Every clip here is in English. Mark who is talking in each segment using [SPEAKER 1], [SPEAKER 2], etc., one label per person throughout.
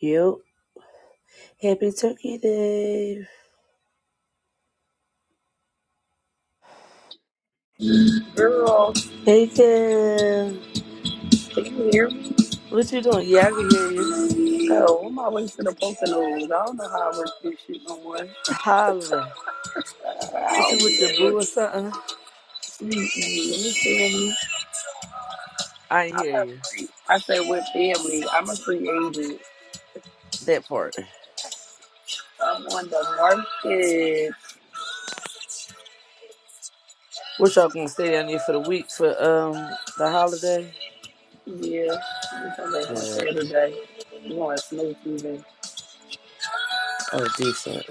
[SPEAKER 1] Yep. Happy Turkey Day.
[SPEAKER 2] Girl,
[SPEAKER 1] Hey, girl.
[SPEAKER 2] can you hear me?
[SPEAKER 1] What you doing? Yeah, I can hear you.
[SPEAKER 2] Oh, I'm always in the post those. I don't know how I work this shit no more.
[SPEAKER 1] Hollering. What
[SPEAKER 2] I'll
[SPEAKER 1] you with
[SPEAKER 2] be
[SPEAKER 1] your
[SPEAKER 2] at
[SPEAKER 1] boo
[SPEAKER 2] work.
[SPEAKER 1] or something?
[SPEAKER 2] Mm-mm. You feel me? see.
[SPEAKER 1] I ain't
[SPEAKER 2] I'm
[SPEAKER 1] hear you.
[SPEAKER 2] a free. I say with family. I'm a free agent.
[SPEAKER 1] That part.
[SPEAKER 2] I'm on the market.
[SPEAKER 1] What y'all gonna stay down there for the week for um the holiday?
[SPEAKER 2] Yeah. I'm coming back on
[SPEAKER 1] Good.
[SPEAKER 2] Saturday. I'm going snake even.
[SPEAKER 1] Oh, decent.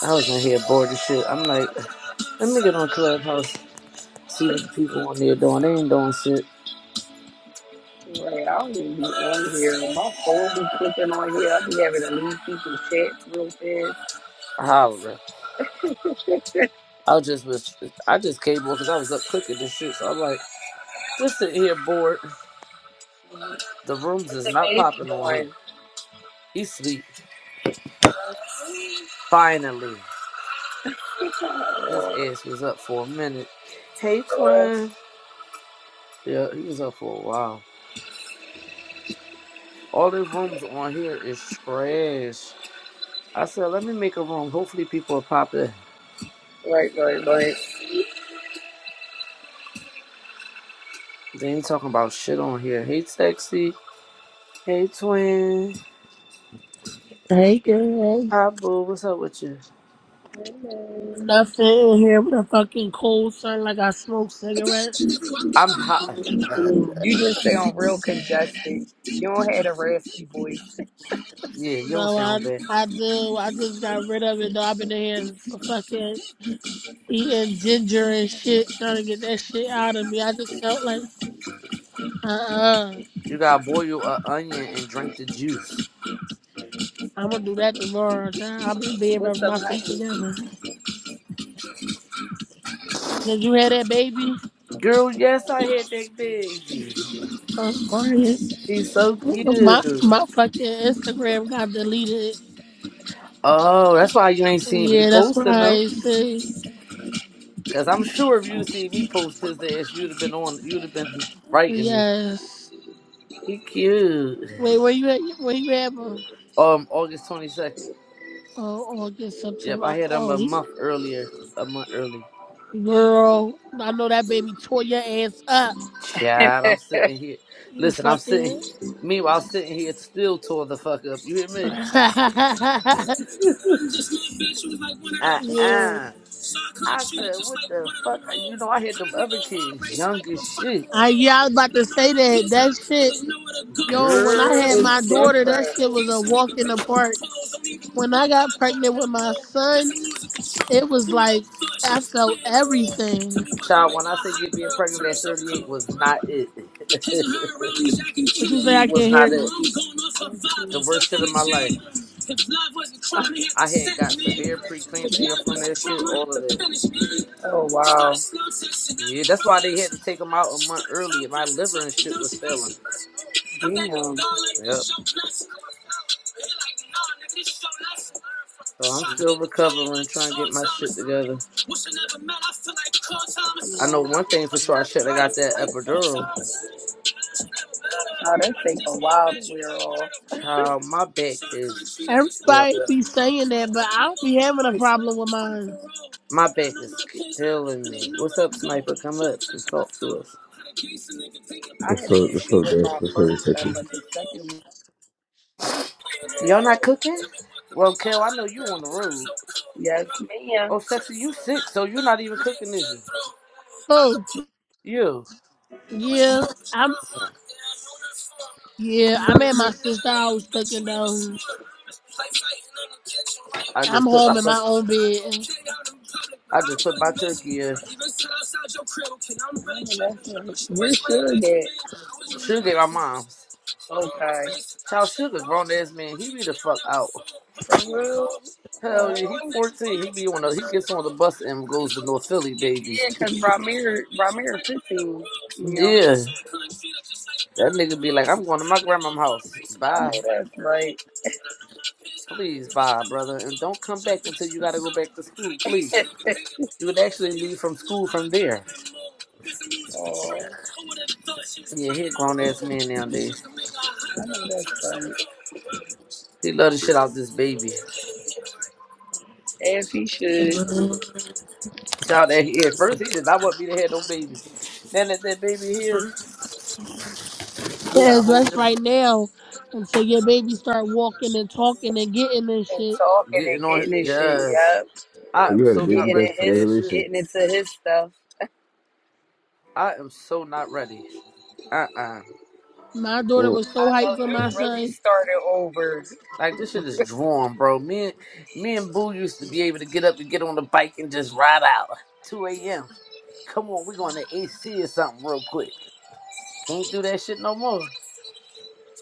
[SPEAKER 1] I was in here bored as shit. I'm like, let me get on Clubhouse, see what the people on there doing. They ain't doing shit.
[SPEAKER 2] Right, I don't even be on here. My phone be clicking on here. I be having to leave people chats real fast.
[SPEAKER 1] Hollering. I was just was I just came on because I was up cooking this shit. So I'm like, just sitting here bored.
[SPEAKER 2] What's
[SPEAKER 1] The rooms is
[SPEAKER 2] the
[SPEAKER 1] not popping on
[SPEAKER 2] baby
[SPEAKER 1] here.
[SPEAKER 2] doing?
[SPEAKER 1] He sleep. Finally. His
[SPEAKER 2] Oh,
[SPEAKER 1] ass was up for a minute. Hey
[SPEAKER 2] Right,
[SPEAKER 1] twin. Yeah, he was up for a while. All the rooms on here is trash. I said, let me make a room. Hopefully people will pop in.
[SPEAKER 2] right, right.
[SPEAKER 1] They ain't talking about shit on here. Hey sexy. Hey twin.
[SPEAKER 3] Hey girl,
[SPEAKER 1] Hi boo. What's up with you?
[SPEAKER 2] Mm,
[SPEAKER 3] not sitting here with a fucking cold sun like I smoke cigarettes.
[SPEAKER 1] I'm hot.
[SPEAKER 2] You just sound real congested. You don't have a raspy voice.
[SPEAKER 1] yeah, you don't
[SPEAKER 3] No, I
[SPEAKER 1] sound bad.
[SPEAKER 3] I do. I just got rid of it though. I've been in here fucking eating ginger and shit, trying to get that shit out of me. I just felt like, uh uh-uh. uh,
[SPEAKER 1] You gotta boil a onion and drink the juice.
[SPEAKER 3] i am gonna do that tomorrow. Child. I've been being with
[SPEAKER 2] What's up,
[SPEAKER 3] my
[SPEAKER 2] honey?
[SPEAKER 3] feet together. Did you hear that, baby?
[SPEAKER 1] Girl, yes, I had that baby.
[SPEAKER 3] Fuck quiet.
[SPEAKER 1] He's so
[SPEAKER 3] My
[SPEAKER 1] cute.
[SPEAKER 3] my fucking Instagram got deleted.
[SPEAKER 1] Oh, that's why you ain't seen me
[SPEAKER 3] Yeah, that's why
[SPEAKER 1] posting though.
[SPEAKER 3] I say
[SPEAKER 1] Cause I'm sure if you'd seen me post his ass, you'd have been on you'd have been writing me.
[SPEAKER 3] yes.
[SPEAKER 1] He cute.
[SPEAKER 3] Wait, where you at? Where you at, bro?
[SPEAKER 1] Um August twenty second.
[SPEAKER 3] Oh, August,
[SPEAKER 1] Yep, I
[SPEAKER 3] September.
[SPEAKER 1] had him
[SPEAKER 3] Oh,
[SPEAKER 1] a
[SPEAKER 3] he-
[SPEAKER 1] month earlier. A month early.
[SPEAKER 3] girl, I know that baby tore your ass up.
[SPEAKER 1] Chad, I'm sitting here.
[SPEAKER 3] You
[SPEAKER 1] Listen, I'm sitting
[SPEAKER 3] fucking.
[SPEAKER 1] meanwhile sitting here still tore the fuck up. You hear me?
[SPEAKER 3] yeah.
[SPEAKER 1] Uh uh I said, what the fuck? You know, I had them other kids young as shit.
[SPEAKER 3] I yeah, I was about to say that. That shit, yo. When I
[SPEAKER 1] Girl.
[SPEAKER 3] had my daughter, that shit was a walk in the park. When I got pregnant with my son, it was like I felt everything.
[SPEAKER 1] Child, when I say get being pregnant at 38 was not it.
[SPEAKER 3] What you say? I can
[SPEAKER 1] was
[SPEAKER 3] hear.
[SPEAKER 1] not
[SPEAKER 3] you.
[SPEAKER 1] it. The worst shit of my life. I had got severe preeclampsia from that shit, all of that.
[SPEAKER 2] Oh wow. Damn. Yeah.
[SPEAKER 1] Yeah, that's why they had to take them out a month earlier. My liver and shit was failing.
[SPEAKER 2] Oh,
[SPEAKER 1] Yep. So I'm still recovering, trying to get my shit together. I know one thing for sure. I should have got that epidural.
[SPEAKER 2] they take a while to wear off.
[SPEAKER 1] Child, my back is, yeah,
[SPEAKER 3] Everybody be saying that, but I don't be having a problem with mine.
[SPEAKER 1] my back is killing me. What's up, Sniper? Come up and talk to us.
[SPEAKER 2] I had
[SPEAKER 4] What's
[SPEAKER 2] an
[SPEAKER 4] up? What's
[SPEAKER 2] issue
[SPEAKER 4] up,
[SPEAKER 2] with
[SPEAKER 4] Dust?
[SPEAKER 2] my
[SPEAKER 4] What's up,
[SPEAKER 2] first one,
[SPEAKER 4] Reception?
[SPEAKER 2] but the second one.
[SPEAKER 1] Y'all not cooking? Well, Kel, I know you on the road.
[SPEAKER 2] Yes,
[SPEAKER 1] Oh,
[SPEAKER 2] ma'am. Mm,
[SPEAKER 1] sexy, you sick, so you're not even cooking, is you?
[SPEAKER 3] Oh,
[SPEAKER 1] You.
[SPEAKER 3] Yeah, I'm yeah, I'm at my sister house
[SPEAKER 2] that's
[SPEAKER 3] cooking
[SPEAKER 2] should
[SPEAKER 3] though.
[SPEAKER 1] I
[SPEAKER 3] I'm
[SPEAKER 1] just put my
[SPEAKER 3] home in my
[SPEAKER 1] fuck.
[SPEAKER 3] own bed.
[SPEAKER 1] I just put my turkey in. Sugar, at my mom's.
[SPEAKER 2] that. Okay.
[SPEAKER 1] Child sugar, grown ass man. He be the fuck out.
[SPEAKER 2] For real?
[SPEAKER 1] Hell yeah, he
[SPEAKER 2] Oh.
[SPEAKER 1] fourteen. He be on the. He gets on the bus and goes to North Philly, baby.
[SPEAKER 2] Yeah, because Ramir, Ramir 15, you know,
[SPEAKER 1] Yeah, that nigga be like, I'm going to my grandma's house.
[SPEAKER 2] I know
[SPEAKER 1] Bye,
[SPEAKER 2] that's right.
[SPEAKER 1] please, bye, brother, and don't come back until you got to go back to school, please. You would actually leave from school from there.
[SPEAKER 2] oh, I
[SPEAKER 1] Yeah, he a grown ass man nowadays.
[SPEAKER 2] know that's right.
[SPEAKER 1] He love the shit out this baby.
[SPEAKER 2] As he should.
[SPEAKER 1] Shout that he at first he did not want me to have no baby. Then that that baby here, he got a
[SPEAKER 3] As
[SPEAKER 1] whole
[SPEAKER 3] that's right
[SPEAKER 1] different
[SPEAKER 3] now until your baby start walking and talking and getting and
[SPEAKER 2] And
[SPEAKER 3] shit.
[SPEAKER 2] talking
[SPEAKER 1] getting
[SPEAKER 2] and
[SPEAKER 1] on
[SPEAKER 2] getting
[SPEAKER 1] his
[SPEAKER 2] his shit,
[SPEAKER 1] jazz.
[SPEAKER 2] yep.
[SPEAKER 1] I
[SPEAKER 4] Oh,
[SPEAKER 1] am
[SPEAKER 4] you had a
[SPEAKER 1] so
[SPEAKER 4] baby?
[SPEAKER 1] not
[SPEAKER 2] Getting
[SPEAKER 4] That's
[SPEAKER 1] ready
[SPEAKER 2] it
[SPEAKER 1] for
[SPEAKER 2] his
[SPEAKER 1] that shit.
[SPEAKER 4] congratulations.
[SPEAKER 2] getting into his stuff.
[SPEAKER 1] I am so not ready. Uh uh
[SPEAKER 3] My
[SPEAKER 4] Mm.
[SPEAKER 3] daughter was so
[SPEAKER 2] I know
[SPEAKER 3] hyped for my
[SPEAKER 2] you really
[SPEAKER 3] son.
[SPEAKER 2] started over.
[SPEAKER 1] Like this shit is drawn, bro. Me and me and Boo used to be able to get up and get on the bike and just ride out. Two a.m. Come on, we going to AC or something real quick. Can't do that shit no more.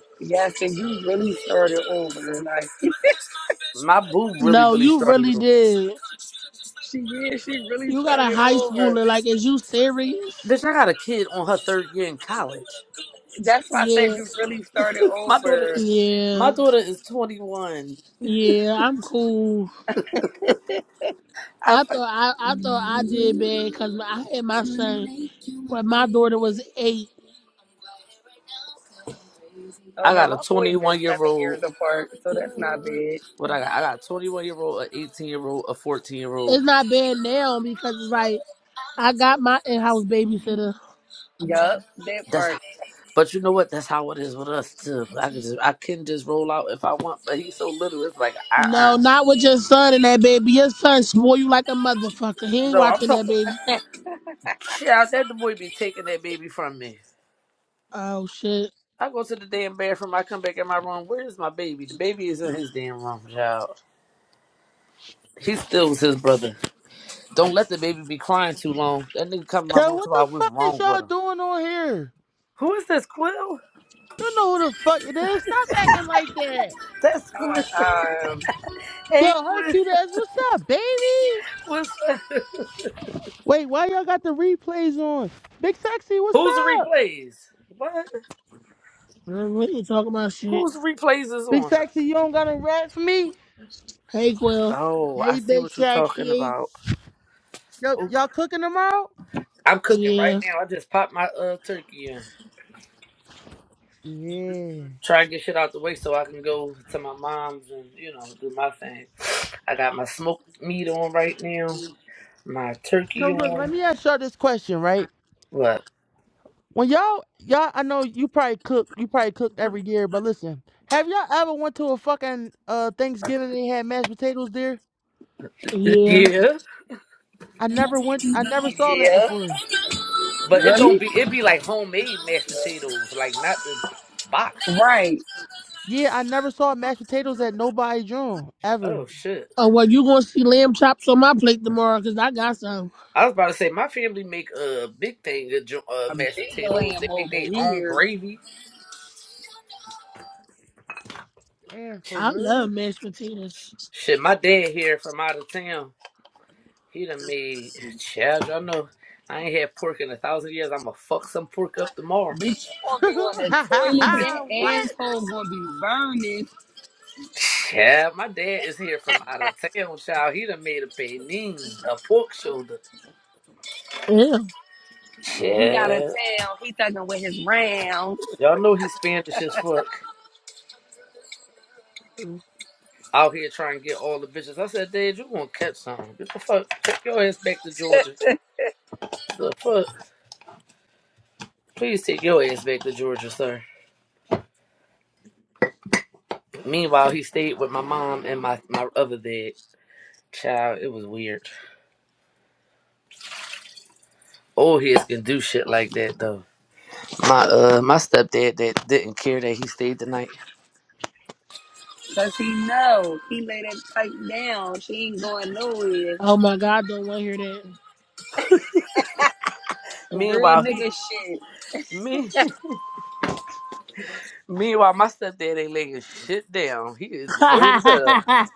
[SPEAKER 2] yes, and you really started over. Like
[SPEAKER 1] My Boo really
[SPEAKER 3] No,
[SPEAKER 1] really
[SPEAKER 3] you
[SPEAKER 1] started.
[SPEAKER 3] really did.
[SPEAKER 2] She did. She really
[SPEAKER 3] You got a
[SPEAKER 2] started
[SPEAKER 3] high
[SPEAKER 2] over.
[SPEAKER 3] schooler, like is you serious?
[SPEAKER 1] Bitch, I got a kid on her third year in college.
[SPEAKER 2] That's why I said
[SPEAKER 3] Yeah.
[SPEAKER 2] you really started
[SPEAKER 1] my daughter
[SPEAKER 2] over.
[SPEAKER 1] is
[SPEAKER 3] Yeah.
[SPEAKER 1] my daughter is twenty one.
[SPEAKER 3] Yeah, I'm cool.
[SPEAKER 1] I
[SPEAKER 3] I
[SPEAKER 1] fuck.
[SPEAKER 3] thought I, I thought I did bad because I had my
[SPEAKER 2] Trying to
[SPEAKER 3] son
[SPEAKER 2] make you my
[SPEAKER 3] when my
[SPEAKER 2] baby.
[SPEAKER 3] daughter was eight.
[SPEAKER 2] I'm quiet right now 'cause I'm crazy. Oh
[SPEAKER 1] I
[SPEAKER 2] no,
[SPEAKER 1] got a
[SPEAKER 2] my
[SPEAKER 1] twenty
[SPEAKER 2] boys is
[SPEAKER 1] one year
[SPEAKER 2] seven
[SPEAKER 1] old.
[SPEAKER 2] years apart, so that's not bad.
[SPEAKER 1] What I got? I got a twenty one year old, a eighteen year old, a fourteen year old.
[SPEAKER 3] It's not bad now because it's like I got my in-house babysitter.
[SPEAKER 2] Yup, that
[SPEAKER 1] That's
[SPEAKER 2] part.
[SPEAKER 1] h- but you know what? That's how it is with us too. I can just I can just roll out if I want, but he's so little. It's like uh
[SPEAKER 3] No,
[SPEAKER 1] uh
[SPEAKER 3] not with your son and that baby. Your son swore you like a motherfucker. He ain't
[SPEAKER 1] No, I'm
[SPEAKER 3] watching that
[SPEAKER 1] talking.
[SPEAKER 3] baby.
[SPEAKER 1] Child, that the boy be taking that baby from me.
[SPEAKER 3] Oh shit.
[SPEAKER 1] I go to the damn bathroom. I come back in my room. Where is my baby? The baby is in his damn room, child. He still was his brother. Don't let the baby be crying too long. That nigga come in my
[SPEAKER 5] Yo,
[SPEAKER 1] room
[SPEAKER 5] what
[SPEAKER 1] talking
[SPEAKER 5] the
[SPEAKER 1] about what's
[SPEAKER 5] fuck is
[SPEAKER 1] wrong
[SPEAKER 5] y'all
[SPEAKER 1] with him.
[SPEAKER 5] doing on here?
[SPEAKER 1] Who is this, Quill?
[SPEAKER 5] You know who the fuck it is. Stop acting like that.
[SPEAKER 1] That's Quill.
[SPEAKER 2] Um,
[SPEAKER 1] Hey,
[SPEAKER 5] Yo, her
[SPEAKER 1] Quill.
[SPEAKER 5] cute ass, what's up, baby?
[SPEAKER 1] What's that?
[SPEAKER 5] Wait, why y'all got the replays on? Big Sexy, what's
[SPEAKER 1] Who's the
[SPEAKER 5] up?
[SPEAKER 1] replays? What?
[SPEAKER 3] Man, What you talking about shit?
[SPEAKER 1] Whose replays is
[SPEAKER 5] Big
[SPEAKER 1] on?
[SPEAKER 5] Sexy, you don't got a rap for me?
[SPEAKER 3] Hey Quill.
[SPEAKER 1] Oh, I
[SPEAKER 5] Hey,
[SPEAKER 1] see
[SPEAKER 5] Big
[SPEAKER 1] what you're talking
[SPEAKER 5] Sexy.
[SPEAKER 1] about.
[SPEAKER 5] Yo,
[SPEAKER 1] Okay.
[SPEAKER 5] y'all cooking tomorrow?
[SPEAKER 1] I'm cooking right
[SPEAKER 3] Yeah.
[SPEAKER 1] now. I just popped my uh turkey in.
[SPEAKER 5] Yeah.
[SPEAKER 1] Try and get shit out the way so I can go to my mom's and, you know, do my thing. I got my smoked meat on right now. My
[SPEAKER 5] So
[SPEAKER 1] turkey
[SPEAKER 5] look, let
[SPEAKER 1] on.
[SPEAKER 5] me ask y'all this question, right?
[SPEAKER 1] What?
[SPEAKER 5] When y'all, y'all, I know you probably cook, you probably cook every year, but listen, have y'all ever went to a fucking uh Thanksgiving and they had mashed potatoes there?
[SPEAKER 3] Yeah.
[SPEAKER 1] Yeah.
[SPEAKER 5] I never went. I never saw that
[SPEAKER 2] yeah.
[SPEAKER 5] before.
[SPEAKER 1] But it don't
[SPEAKER 2] Really?
[SPEAKER 1] be it be like homemade mashed potatoes, like not the box. shit.
[SPEAKER 2] Right.
[SPEAKER 5] Yeah, I never saw mashed potatoes at nobody joint
[SPEAKER 1] Oh
[SPEAKER 5] ever.
[SPEAKER 1] shit!
[SPEAKER 3] Oh well you gonna see lamb chops on my plate tomorrow because I got some.
[SPEAKER 1] I was about to say my family make a big thing of jo- uh,
[SPEAKER 2] A
[SPEAKER 1] mashed
[SPEAKER 2] big
[SPEAKER 1] potatoes. They
[SPEAKER 2] glam
[SPEAKER 1] make
[SPEAKER 2] over
[SPEAKER 1] their own
[SPEAKER 2] here.
[SPEAKER 1] gravy.
[SPEAKER 5] And for
[SPEAKER 3] I love
[SPEAKER 5] real?
[SPEAKER 3] mashed potatoes.
[SPEAKER 1] Shit, my dad here from out of town. He done made child. Y'all know I ain't had pork in a thousand years. I'ma fuck some pork up tomorrow.
[SPEAKER 2] Bitch, you gonna be on the toilet. That
[SPEAKER 5] what?
[SPEAKER 2] asshole gonna be burning.
[SPEAKER 1] Yeah, my dad is here from out of town, child. He done made a panini, a pork shoulder.
[SPEAKER 3] Yeah.
[SPEAKER 2] Um, He out of
[SPEAKER 1] Yeah,
[SPEAKER 2] town. He thugging with his round.
[SPEAKER 1] y'all know he's Spanish as fuck. out here trying to get all the bitches. I said, Dad, you gonna catch something. Get the fuck take your ass back to Georgia. The fuck. Please take your ass back to Georgia, sir. Meanwhile, he stayed with my mom and my, my other dad. Child, it was weird. Old heads can do shit like that though. My uh my stepdad that didn't care that he stayed the night.
[SPEAKER 2] Cause he know. He lay that pipe down. She ain't going nowhere.
[SPEAKER 3] Oh my god, don't want to hear that.
[SPEAKER 2] Real
[SPEAKER 1] Meanwhile
[SPEAKER 2] nigga
[SPEAKER 1] he
[SPEAKER 2] shit.
[SPEAKER 1] me meanwhile my stepdad ain't laying shit down. He is old as hell.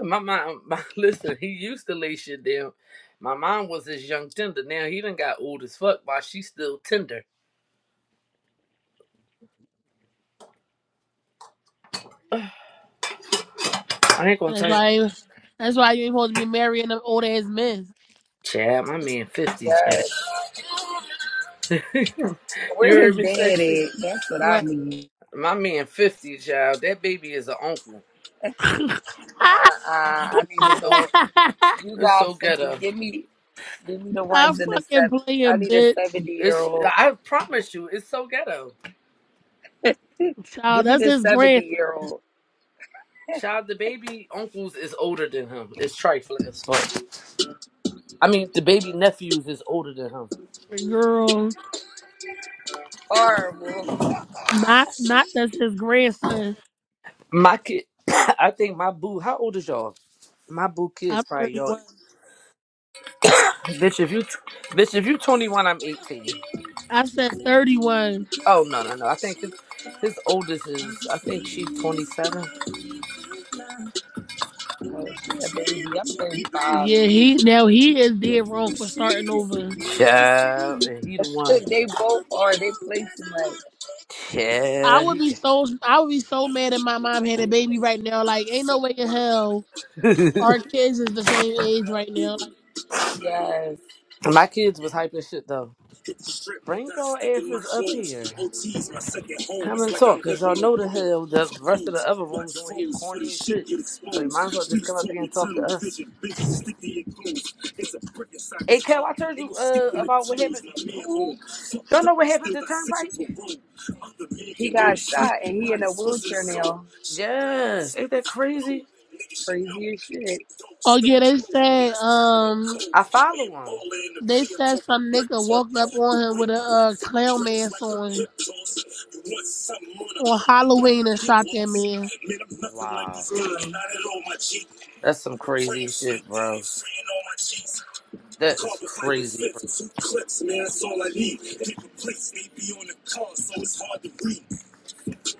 [SPEAKER 1] My mom, my, listen, he used to lay shit down. My mom was this young tender. Now he done got old as fuck while she's still tender. I ain't gonna
[SPEAKER 3] that's
[SPEAKER 1] tell you.
[SPEAKER 3] why that's why you ain't supposed to be marrying them old ass men.
[SPEAKER 1] Chad, my man 50, Chad.
[SPEAKER 2] Yes. Where
[SPEAKER 1] you heard
[SPEAKER 2] his
[SPEAKER 1] me,
[SPEAKER 2] dad
[SPEAKER 1] sexy?
[SPEAKER 2] at? That's what I
[SPEAKER 3] What?
[SPEAKER 2] need.
[SPEAKER 1] My man 50, child. That baby is an uncle.
[SPEAKER 2] Uh, uh, I need to
[SPEAKER 1] So,
[SPEAKER 2] go. You
[SPEAKER 1] it's
[SPEAKER 2] got
[SPEAKER 1] so
[SPEAKER 2] 50.
[SPEAKER 1] ghetto.
[SPEAKER 2] Give me, give me the
[SPEAKER 3] i
[SPEAKER 2] ones in the
[SPEAKER 3] fucking
[SPEAKER 2] seven. I
[SPEAKER 3] playing,
[SPEAKER 2] need a
[SPEAKER 3] bitch.
[SPEAKER 2] 70 year
[SPEAKER 1] It's
[SPEAKER 2] old.
[SPEAKER 1] I promise you, it's so ghetto.
[SPEAKER 3] Child,
[SPEAKER 2] Give me
[SPEAKER 3] that's
[SPEAKER 2] the
[SPEAKER 3] his
[SPEAKER 2] 70
[SPEAKER 3] grandson.
[SPEAKER 2] year old.
[SPEAKER 1] Child, the baby uncles is older than him. It's trifling as fuck. I mean, the baby nephews is older than him.
[SPEAKER 3] Girl,
[SPEAKER 2] Horrible.
[SPEAKER 3] not not that's his grandson.
[SPEAKER 1] My kid, I think my boo. How old is y'all? My boo
[SPEAKER 3] I'm
[SPEAKER 1] kids probably y'all.
[SPEAKER 3] 31.
[SPEAKER 1] Bitch, if you, bitch, if you 21, I'm 18.
[SPEAKER 3] I said 31.
[SPEAKER 1] Oh no, no, no. I think his his oldest is. I think she's 27.
[SPEAKER 2] Oh, she a baby. I'm
[SPEAKER 3] Yeah,
[SPEAKER 2] 35.
[SPEAKER 3] he now he is dead wrong for starting over.
[SPEAKER 1] Child, and he the one.
[SPEAKER 2] they both are. They play too much.
[SPEAKER 3] I
[SPEAKER 1] Yeah,
[SPEAKER 3] would
[SPEAKER 1] he
[SPEAKER 3] be so I would be so mad if my mom had a baby right now. Like, ain't no way in hell
[SPEAKER 1] got.
[SPEAKER 3] our kids is the same age right now. Like,
[SPEAKER 2] Yes.
[SPEAKER 1] My kids was hyping shit though. Bring your asses up here. Come and talk, cause y'all know the hell the rest of the other rooms on here corny and shit. So you might as well just come up here and talk to us. Hey, Kel, I told you uh about what happened. Who? Y'all know what happened to Turnpike?
[SPEAKER 2] He got shot and he in a wheelchair now.
[SPEAKER 1] Yes. Ain't that crazy?
[SPEAKER 2] Crazy as shit.
[SPEAKER 3] oh yeah, they said um
[SPEAKER 1] I follow him.
[SPEAKER 3] they said some nigga walked up on him with a uh, clown mask on on Halloween and shot that man.
[SPEAKER 1] Wow.
[SPEAKER 2] Mm.
[SPEAKER 1] That's some crazy shit, bro. That is crazy.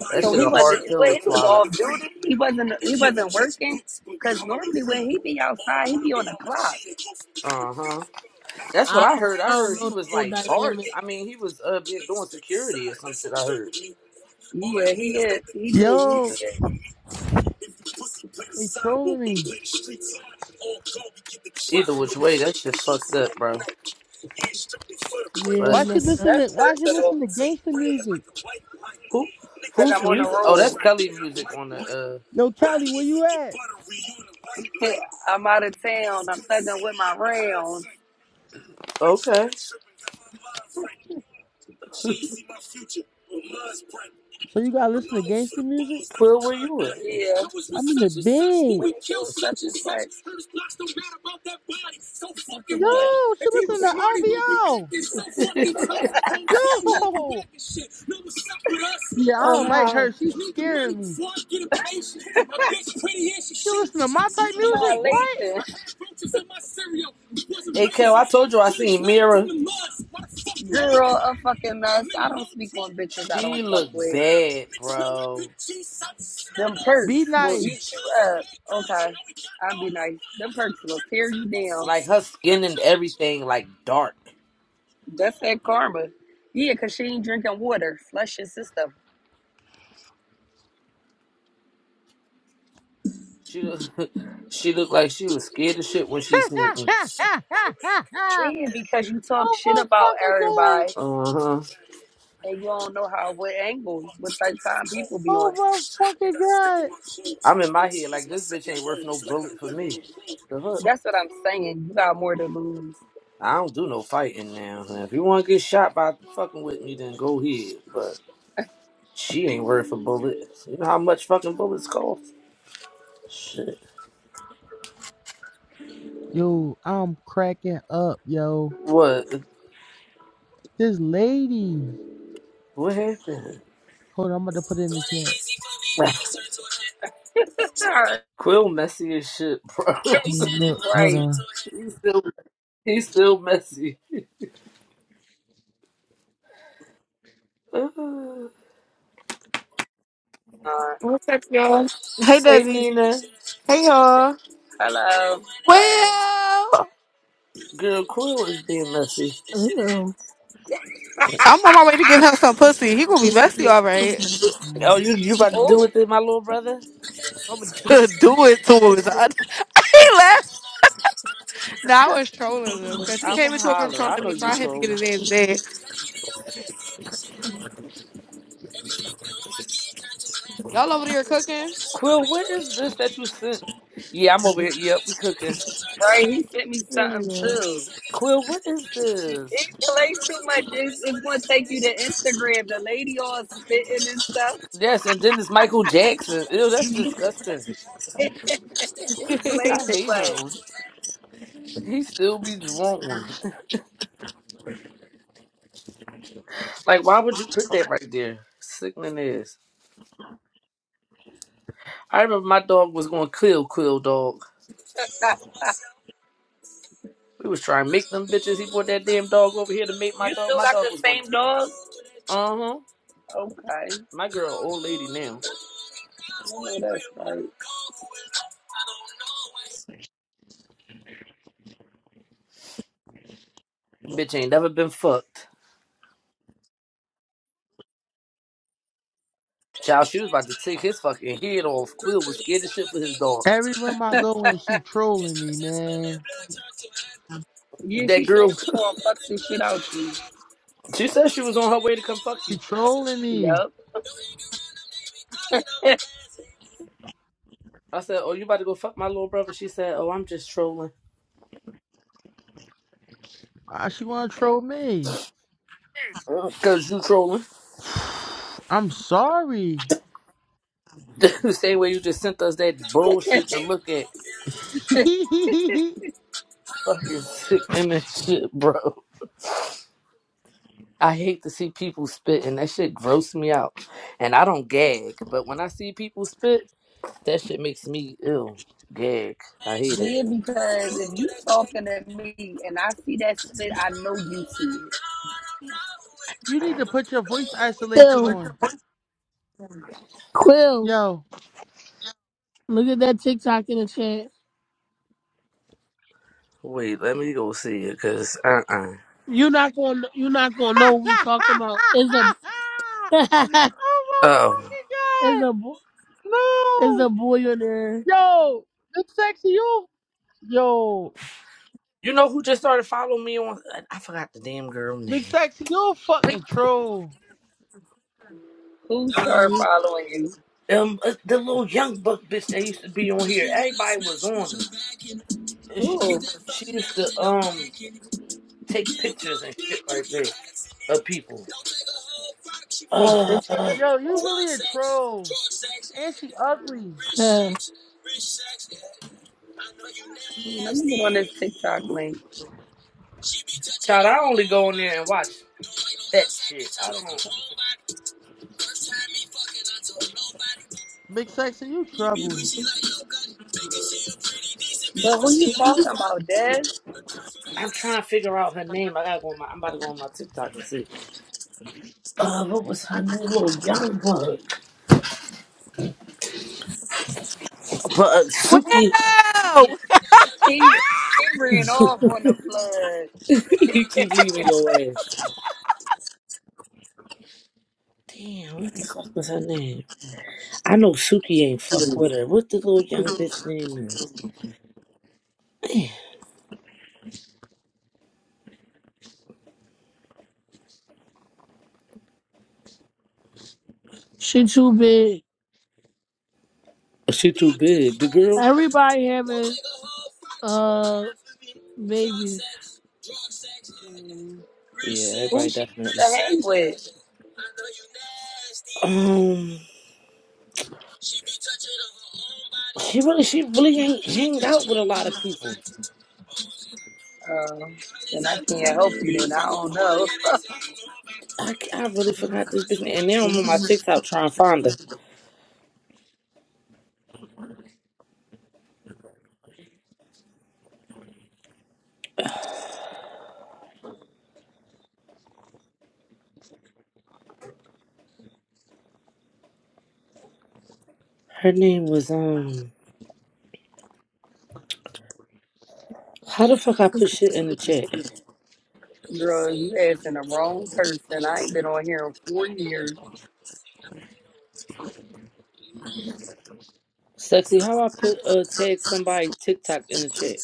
[SPEAKER 1] That
[SPEAKER 2] So
[SPEAKER 1] shit
[SPEAKER 2] he
[SPEAKER 1] a
[SPEAKER 2] wasn't.
[SPEAKER 1] hard pill
[SPEAKER 2] Well, he
[SPEAKER 1] to
[SPEAKER 2] was
[SPEAKER 1] swallow.
[SPEAKER 2] off duty. He wasn't. He wasn't working. Cause normally when he be outside, he be on the clock.
[SPEAKER 1] Uh huh. That's what
[SPEAKER 3] I
[SPEAKER 1] I
[SPEAKER 3] don't,
[SPEAKER 1] heard.
[SPEAKER 3] I
[SPEAKER 1] I
[SPEAKER 3] don't
[SPEAKER 1] heard he
[SPEAKER 3] know the
[SPEAKER 1] was
[SPEAKER 3] whole
[SPEAKER 1] like bart.
[SPEAKER 3] dynamic.
[SPEAKER 1] I mean, he was uh been doing security or some shit. I heard.
[SPEAKER 2] Yeah, he is. He do. He do
[SPEAKER 5] Yo,
[SPEAKER 2] that.
[SPEAKER 5] they trolling me.
[SPEAKER 1] Either which way, that shit fucked up, bro.
[SPEAKER 3] Yeah, that's
[SPEAKER 1] But
[SPEAKER 5] Why she
[SPEAKER 3] messed up.
[SPEAKER 5] listening?
[SPEAKER 2] That's
[SPEAKER 5] To, why she
[SPEAKER 2] personal.
[SPEAKER 5] listening to gangster music?
[SPEAKER 1] who?
[SPEAKER 2] Cause
[SPEAKER 1] Whose
[SPEAKER 2] I'm on the
[SPEAKER 1] music? Oh,
[SPEAKER 2] road.
[SPEAKER 1] that's Kelly music on the
[SPEAKER 5] Yo, Kelly, where you at?
[SPEAKER 2] I'm out of town. I'm thugging with my rounds.
[SPEAKER 1] uh. Okay.
[SPEAKER 5] So you gotta listen to gangster music?
[SPEAKER 1] Well, where you
[SPEAKER 5] I'm in the bed. Yo, she listening to LBO.
[SPEAKER 1] at?
[SPEAKER 5] Yo, yeah, I
[SPEAKER 1] Um,
[SPEAKER 5] don't like
[SPEAKER 1] how?
[SPEAKER 5] her. She's scaring me. She listening to my type music?
[SPEAKER 2] My Lathan. I
[SPEAKER 5] What?
[SPEAKER 2] had
[SPEAKER 1] Hey, Kel, I told you I seen Mira.
[SPEAKER 2] a fucking mess. don't speak on bitches I don't
[SPEAKER 1] She
[SPEAKER 2] fuck
[SPEAKER 1] looked
[SPEAKER 2] with.
[SPEAKER 1] bad, bro.
[SPEAKER 2] Them perks
[SPEAKER 5] Be
[SPEAKER 2] will eat
[SPEAKER 5] nice.
[SPEAKER 2] you up. Okay, I'll be nice. Them perks will tear you down.
[SPEAKER 1] Like her skin and everything, like dark.
[SPEAKER 2] That's that karma. Yeah, because she ain't drinking water. Flush your system.
[SPEAKER 1] She look, she looked like she was scared of shit when she seen me.
[SPEAKER 5] oh
[SPEAKER 2] Yeah, because you talk shit
[SPEAKER 5] my
[SPEAKER 2] about
[SPEAKER 5] fucking god!
[SPEAKER 2] everybody
[SPEAKER 1] Uh huh.
[SPEAKER 2] and you don't know how, what angles, what type of time people be
[SPEAKER 5] Oh
[SPEAKER 2] on.
[SPEAKER 5] my fucking god!
[SPEAKER 1] I'm in my head like this bitch ain't worth no bullet for me. The hook.
[SPEAKER 2] That's what I'm saying. You got more to lose.
[SPEAKER 1] I don't do no fighting now. huh? If you want to get shot by fucking with me, then go ahead. But she ain't worth a bullet. You know how much fucking bullets cost? Shit.
[SPEAKER 5] Yo, I'm cracking up, yo.
[SPEAKER 1] What?
[SPEAKER 5] This lady.
[SPEAKER 1] What happened?
[SPEAKER 5] Hold on, I'm about to put it in the chat.
[SPEAKER 2] All
[SPEAKER 1] Quill messy as shit, bro.
[SPEAKER 5] Look, hold
[SPEAKER 2] right.
[SPEAKER 5] on.
[SPEAKER 1] he's still he's still messy. Uh,
[SPEAKER 2] Uh,
[SPEAKER 6] What's up, y'all? Hey,
[SPEAKER 1] hey
[SPEAKER 6] Desi.
[SPEAKER 1] Nina,
[SPEAKER 6] Hey y'all.
[SPEAKER 2] hello.
[SPEAKER 6] Well,
[SPEAKER 1] girl, Quill is being messy.
[SPEAKER 3] Ew.
[SPEAKER 6] I'm on my way to give him some pussy. He gonna be messy, all right.
[SPEAKER 1] Oh, you you about to do
[SPEAKER 2] Oh,
[SPEAKER 1] with it, my little brother?
[SPEAKER 6] I'm gonna do it to him. He left. No, I was trolling him because he
[SPEAKER 1] I'm a
[SPEAKER 6] came into a room
[SPEAKER 1] holler. I
[SPEAKER 6] trolling
[SPEAKER 1] know
[SPEAKER 6] me, so
[SPEAKER 1] you
[SPEAKER 6] I had to get
[SPEAKER 1] trolling.
[SPEAKER 6] his ass bad. Y'all over there cooking?
[SPEAKER 1] Quill, what is this that you sent? Yeah, I'm over here. Yep, we cooking.
[SPEAKER 2] right. He sent me
[SPEAKER 6] Yeah, we
[SPEAKER 2] something too.
[SPEAKER 1] Quill, what is
[SPEAKER 2] He
[SPEAKER 1] this?
[SPEAKER 2] plays too much. It's, it's going to take you to Instagram. The lady all spitting and stuff.
[SPEAKER 1] Yes, and then this Michael Jackson. Ew, that's disgusting.
[SPEAKER 6] are.
[SPEAKER 2] He plays
[SPEAKER 1] I
[SPEAKER 2] too
[SPEAKER 1] hate him.
[SPEAKER 2] much.
[SPEAKER 1] He still be drunk one. Like, why would you put that right there? Sickening ass. I remember my dog was going kill Quill dog. We was trying to make them bitches. He brought that damn dog over here to make my
[SPEAKER 2] you
[SPEAKER 1] dog.
[SPEAKER 2] still
[SPEAKER 1] My
[SPEAKER 2] got
[SPEAKER 1] dog
[SPEAKER 2] the
[SPEAKER 1] was going.
[SPEAKER 2] same dog?
[SPEAKER 1] Uh huh.
[SPEAKER 2] Okay.
[SPEAKER 1] My girl, old lady now.
[SPEAKER 2] I that's right.
[SPEAKER 1] Bitch ain't never been fucked. Child, she was about to take his fucking head off. Quill was scared as shit for his dog.
[SPEAKER 5] Every room I go in, she trolling me, man.
[SPEAKER 2] Yeah,
[SPEAKER 1] That
[SPEAKER 2] she said
[SPEAKER 1] girl,
[SPEAKER 2] she going to fuck the shit out you.
[SPEAKER 1] she said she was on her way to come fuck
[SPEAKER 5] She
[SPEAKER 1] you.
[SPEAKER 5] trolling me.
[SPEAKER 2] Yup. yeah,
[SPEAKER 1] I said, "Oh, you about to go fuck my little brother?" She said, "Oh, I'm just trolling."
[SPEAKER 5] Why she wanna troll me?
[SPEAKER 1] Uh, Cause you trolling.
[SPEAKER 5] I'm sorry.
[SPEAKER 1] the same way you just sent us that bullshit to look at.
[SPEAKER 5] you
[SPEAKER 1] Fucking sick image, shit, bro. I hate to see people spit, and that shit grosses me out. And I don't gag, but when I see people spit, that shit makes me ill. Gag. I hate it.
[SPEAKER 2] because if you talking to me and I see that spit, I know you see it.
[SPEAKER 5] need to put your voice isolation
[SPEAKER 3] Ew.
[SPEAKER 5] on.
[SPEAKER 3] Quill.
[SPEAKER 5] Yo.
[SPEAKER 3] Look at that TikTok in the chat.
[SPEAKER 1] Wait, let me go see it, cause uh uh
[SPEAKER 3] You're not gonna you're not gonna know what we talking about. It's a
[SPEAKER 5] oh my
[SPEAKER 1] Oh,
[SPEAKER 5] fucking
[SPEAKER 3] it's
[SPEAKER 5] god!
[SPEAKER 3] a bo- it's
[SPEAKER 5] No,
[SPEAKER 3] a boy in there.
[SPEAKER 5] yo, big sexy, you, yo,
[SPEAKER 1] you know who just started following me on? I I forgot the damn girl name.
[SPEAKER 5] big sexy, you a
[SPEAKER 1] Wait,
[SPEAKER 5] fucking troll.
[SPEAKER 2] Who
[SPEAKER 3] No,
[SPEAKER 2] started
[SPEAKER 3] he-
[SPEAKER 2] following you?
[SPEAKER 1] um, uh, the little young buck bitch that used to be on here. Everybody was on her, and
[SPEAKER 2] Who?
[SPEAKER 1] she
[SPEAKER 2] Take
[SPEAKER 1] she used to um take pictures and shit like that of people. Uh,
[SPEAKER 2] pictures of
[SPEAKER 1] uh,
[SPEAKER 5] Yo,
[SPEAKER 2] people?
[SPEAKER 5] you really a troll, and she ugly.
[SPEAKER 3] yeah.
[SPEAKER 2] Hmm, Let me get on this TikTok link.
[SPEAKER 1] child, I only go in there and watch. that shit. I don't.
[SPEAKER 5] Big sexy, you trouble.
[SPEAKER 2] But who you talking about, Des?
[SPEAKER 1] I'm trying to figure out her name. I gotta go. On my, I'm about to go on my TikTok and see. Uh, what was her name? Little young bug. But uh, Suki,
[SPEAKER 6] Well,
[SPEAKER 2] He he ran off on the flood.
[SPEAKER 1] he keep leaving your ass. Damn, what the fuck was her name? I know Suki ain't fuck with her. What the little young bitch name is? Man,
[SPEAKER 3] Shit too big.
[SPEAKER 1] is she too big? The girl?
[SPEAKER 3] Everybody having uh babies.
[SPEAKER 1] Yeah,
[SPEAKER 2] Who
[SPEAKER 1] everybody
[SPEAKER 2] she used
[SPEAKER 1] definitely.
[SPEAKER 2] to hang with?
[SPEAKER 1] Um, she really, she really ain't hang out with a lot of people.
[SPEAKER 2] Uh, and I can't help you. And I don't know,
[SPEAKER 1] I, c- I really forgot this bitch name, and now I'm on my TikTok trying to find her. Her name was um. How the fuck I put shit in the chat?
[SPEAKER 2] girl. You asking the wrong person. I ain't been on here in four years.
[SPEAKER 1] Sexy, how I put uh tag somebody TikTok in the chat?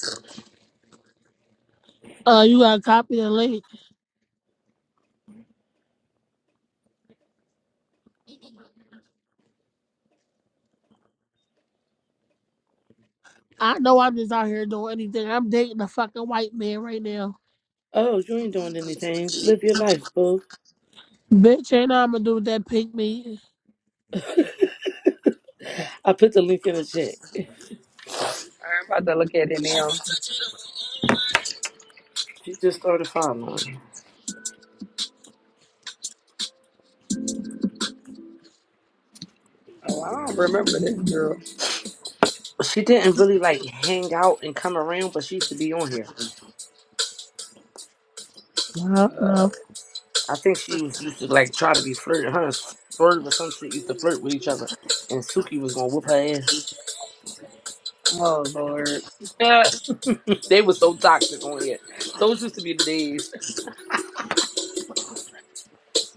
[SPEAKER 3] Uh you gotta copy the link. I know I'm just out here doing anything. I'm dating a fucking white man right now.
[SPEAKER 1] Oh, you ain't doing anything. Live your life, boo.
[SPEAKER 3] Bitch, ain't know I'ma do with that pink meat.
[SPEAKER 1] I put the link in the chat.
[SPEAKER 2] I'm about to look at it now.
[SPEAKER 1] She just started following.
[SPEAKER 2] Oh, I don't remember this girl.
[SPEAKER 1] She didn't really like hang out and come around, but she used to be on here.
[SPEAKER 3] No,
[SPEAKER 2] Uh,
[SPEAKER 3] no.
[SPEAKER 1] I think she was used to like try to be flirting. Her and Swerve or some shit used to flirt with each other, and Suki was gonna whoop her
[SPEAKER 2] oh Lord. Uh,
[SPEAKER 1] ass. they were so toxic on here. Those used to be the days.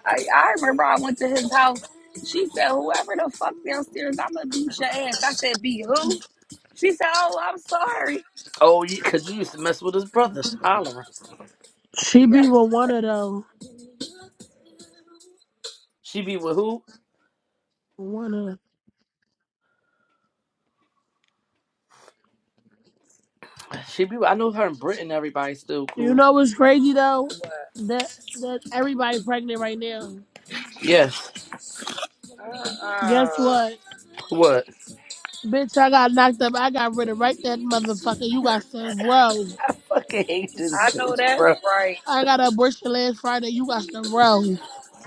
[SPEAKER 2] I I remember I went to his house. She said, "Whoever the fuck downstairs, I'ma beat your ass." I said, "Be who?" She said, "Oh, I'm sorry."
[SPEAKER 1] Oh, yeah, 'cause you used to mess with his brother, hollering.
[SPEAKER 3] She
[SPEAKER 2] Yeah.
[SPEAKER 3] be with one of them.
[SPEAKER 1] She be with who?
[SPEAKER 3] One of them.
[SPEAKER 1] She be. With, I know her in Britain. Everybody's still
[SPEAKER 3] You
[SPEAKER 1] cool.
[SPEAKER 3] know what's crazy though?
[SPEAKER 2] What?
[SPEAKER 3] That that everybody pregnant right now.
[SPEAKER 1] Yes.
[SPEAKER 3] Guess
[SPEAKER 2] Uh-uh.
[SPEAKER 3] what?
[SPEAKER 1] What?
[SPEAKER 3] Bitch, I got knocked up. I got rid of right that motherfucker. You got some row.
[SPEAKER 1] I fucking hate this
[SPEAKER 2] I know
[SPEAKER 1] bitch,
[SPEAKER 2] that's
[SPEAKER 1] bro.
[SPEAKER 2] right.
[SPEAKER 3] I got an abortion last Friday. You got some row.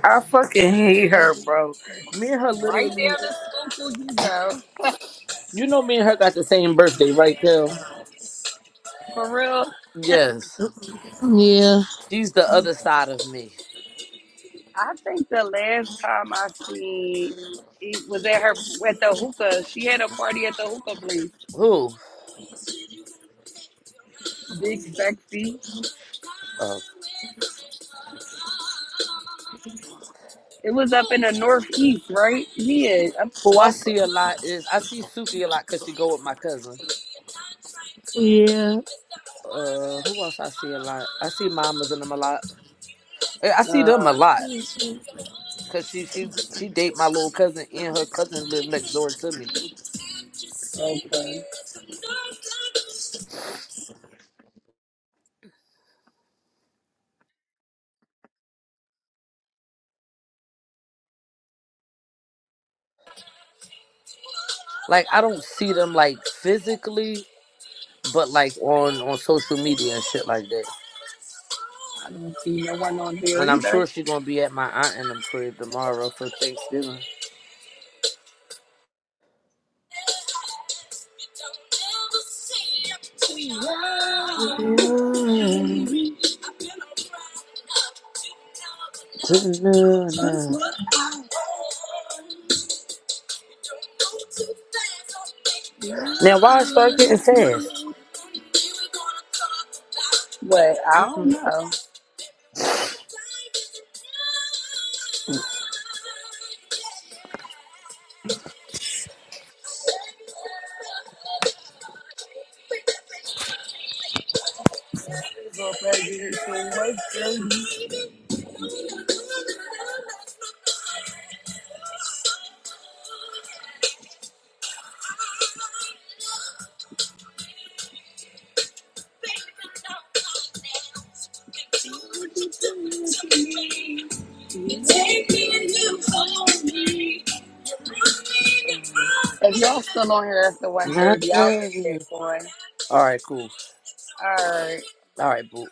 [SPEAKER 1] I fucking hate her, bro. Me and her
[SPEAKER 2] Right
[SPEAKER 1] literally.
[SPEAKER 2] down the school you go.
[SPEAKER 1] You know, me and her got the same birthday, right, Kel?
[SPEAKER 2] For real.
[SPEAKER 1] Yes.
[SPEAKER 3] Yeah.
[SPEAKER 1] She's the other side of me.
[SPEAKER 2] I think the last time I seen it was at her at the hookah. She had a party at the hookah place.
[SPEAKER 1] Who?
[SPEAKER 2] Big sexy.
[SPEAKER 1] Uh,
[SPEAKER 2] It was up in the northeast, right? Yeah. I'm
[SPEAKER 1] who I
[SPEAKER 2] off.
[SPEAKER 1] see a lot is I see Suki a lot because she go with my cousin.
[SPEAKER 3] Yeah.
[SPEAKER 1] Uh, who else I see a lot? I see mamas and them a lot. I I see
[SPEAKER 2] Uh,
[SPEAKER 1] them a lot because she she she date my little cousin and her cousin live next door to me.
[SPEAKER 2] okay.
[SPEAKER 1] Like I don't see them like physically, but like on on social media and shit like that.
[SPEAKER 2] I don't see no one on here
[SPEAKER 1] And I'm
[SPEAKER 2] either.
[SPEAKER 1] sure she gonna be at my aunt and them crib tomorrow for Thanksgiving. Now why it start getting fast?
[SPEAKER 2] But I don't know. If y'all still on here after one i I'll get back on.
[SPEAKER 1] All right, cool.
[SPEAKER 2] All right.
[SPEAKER 1] All right, boo.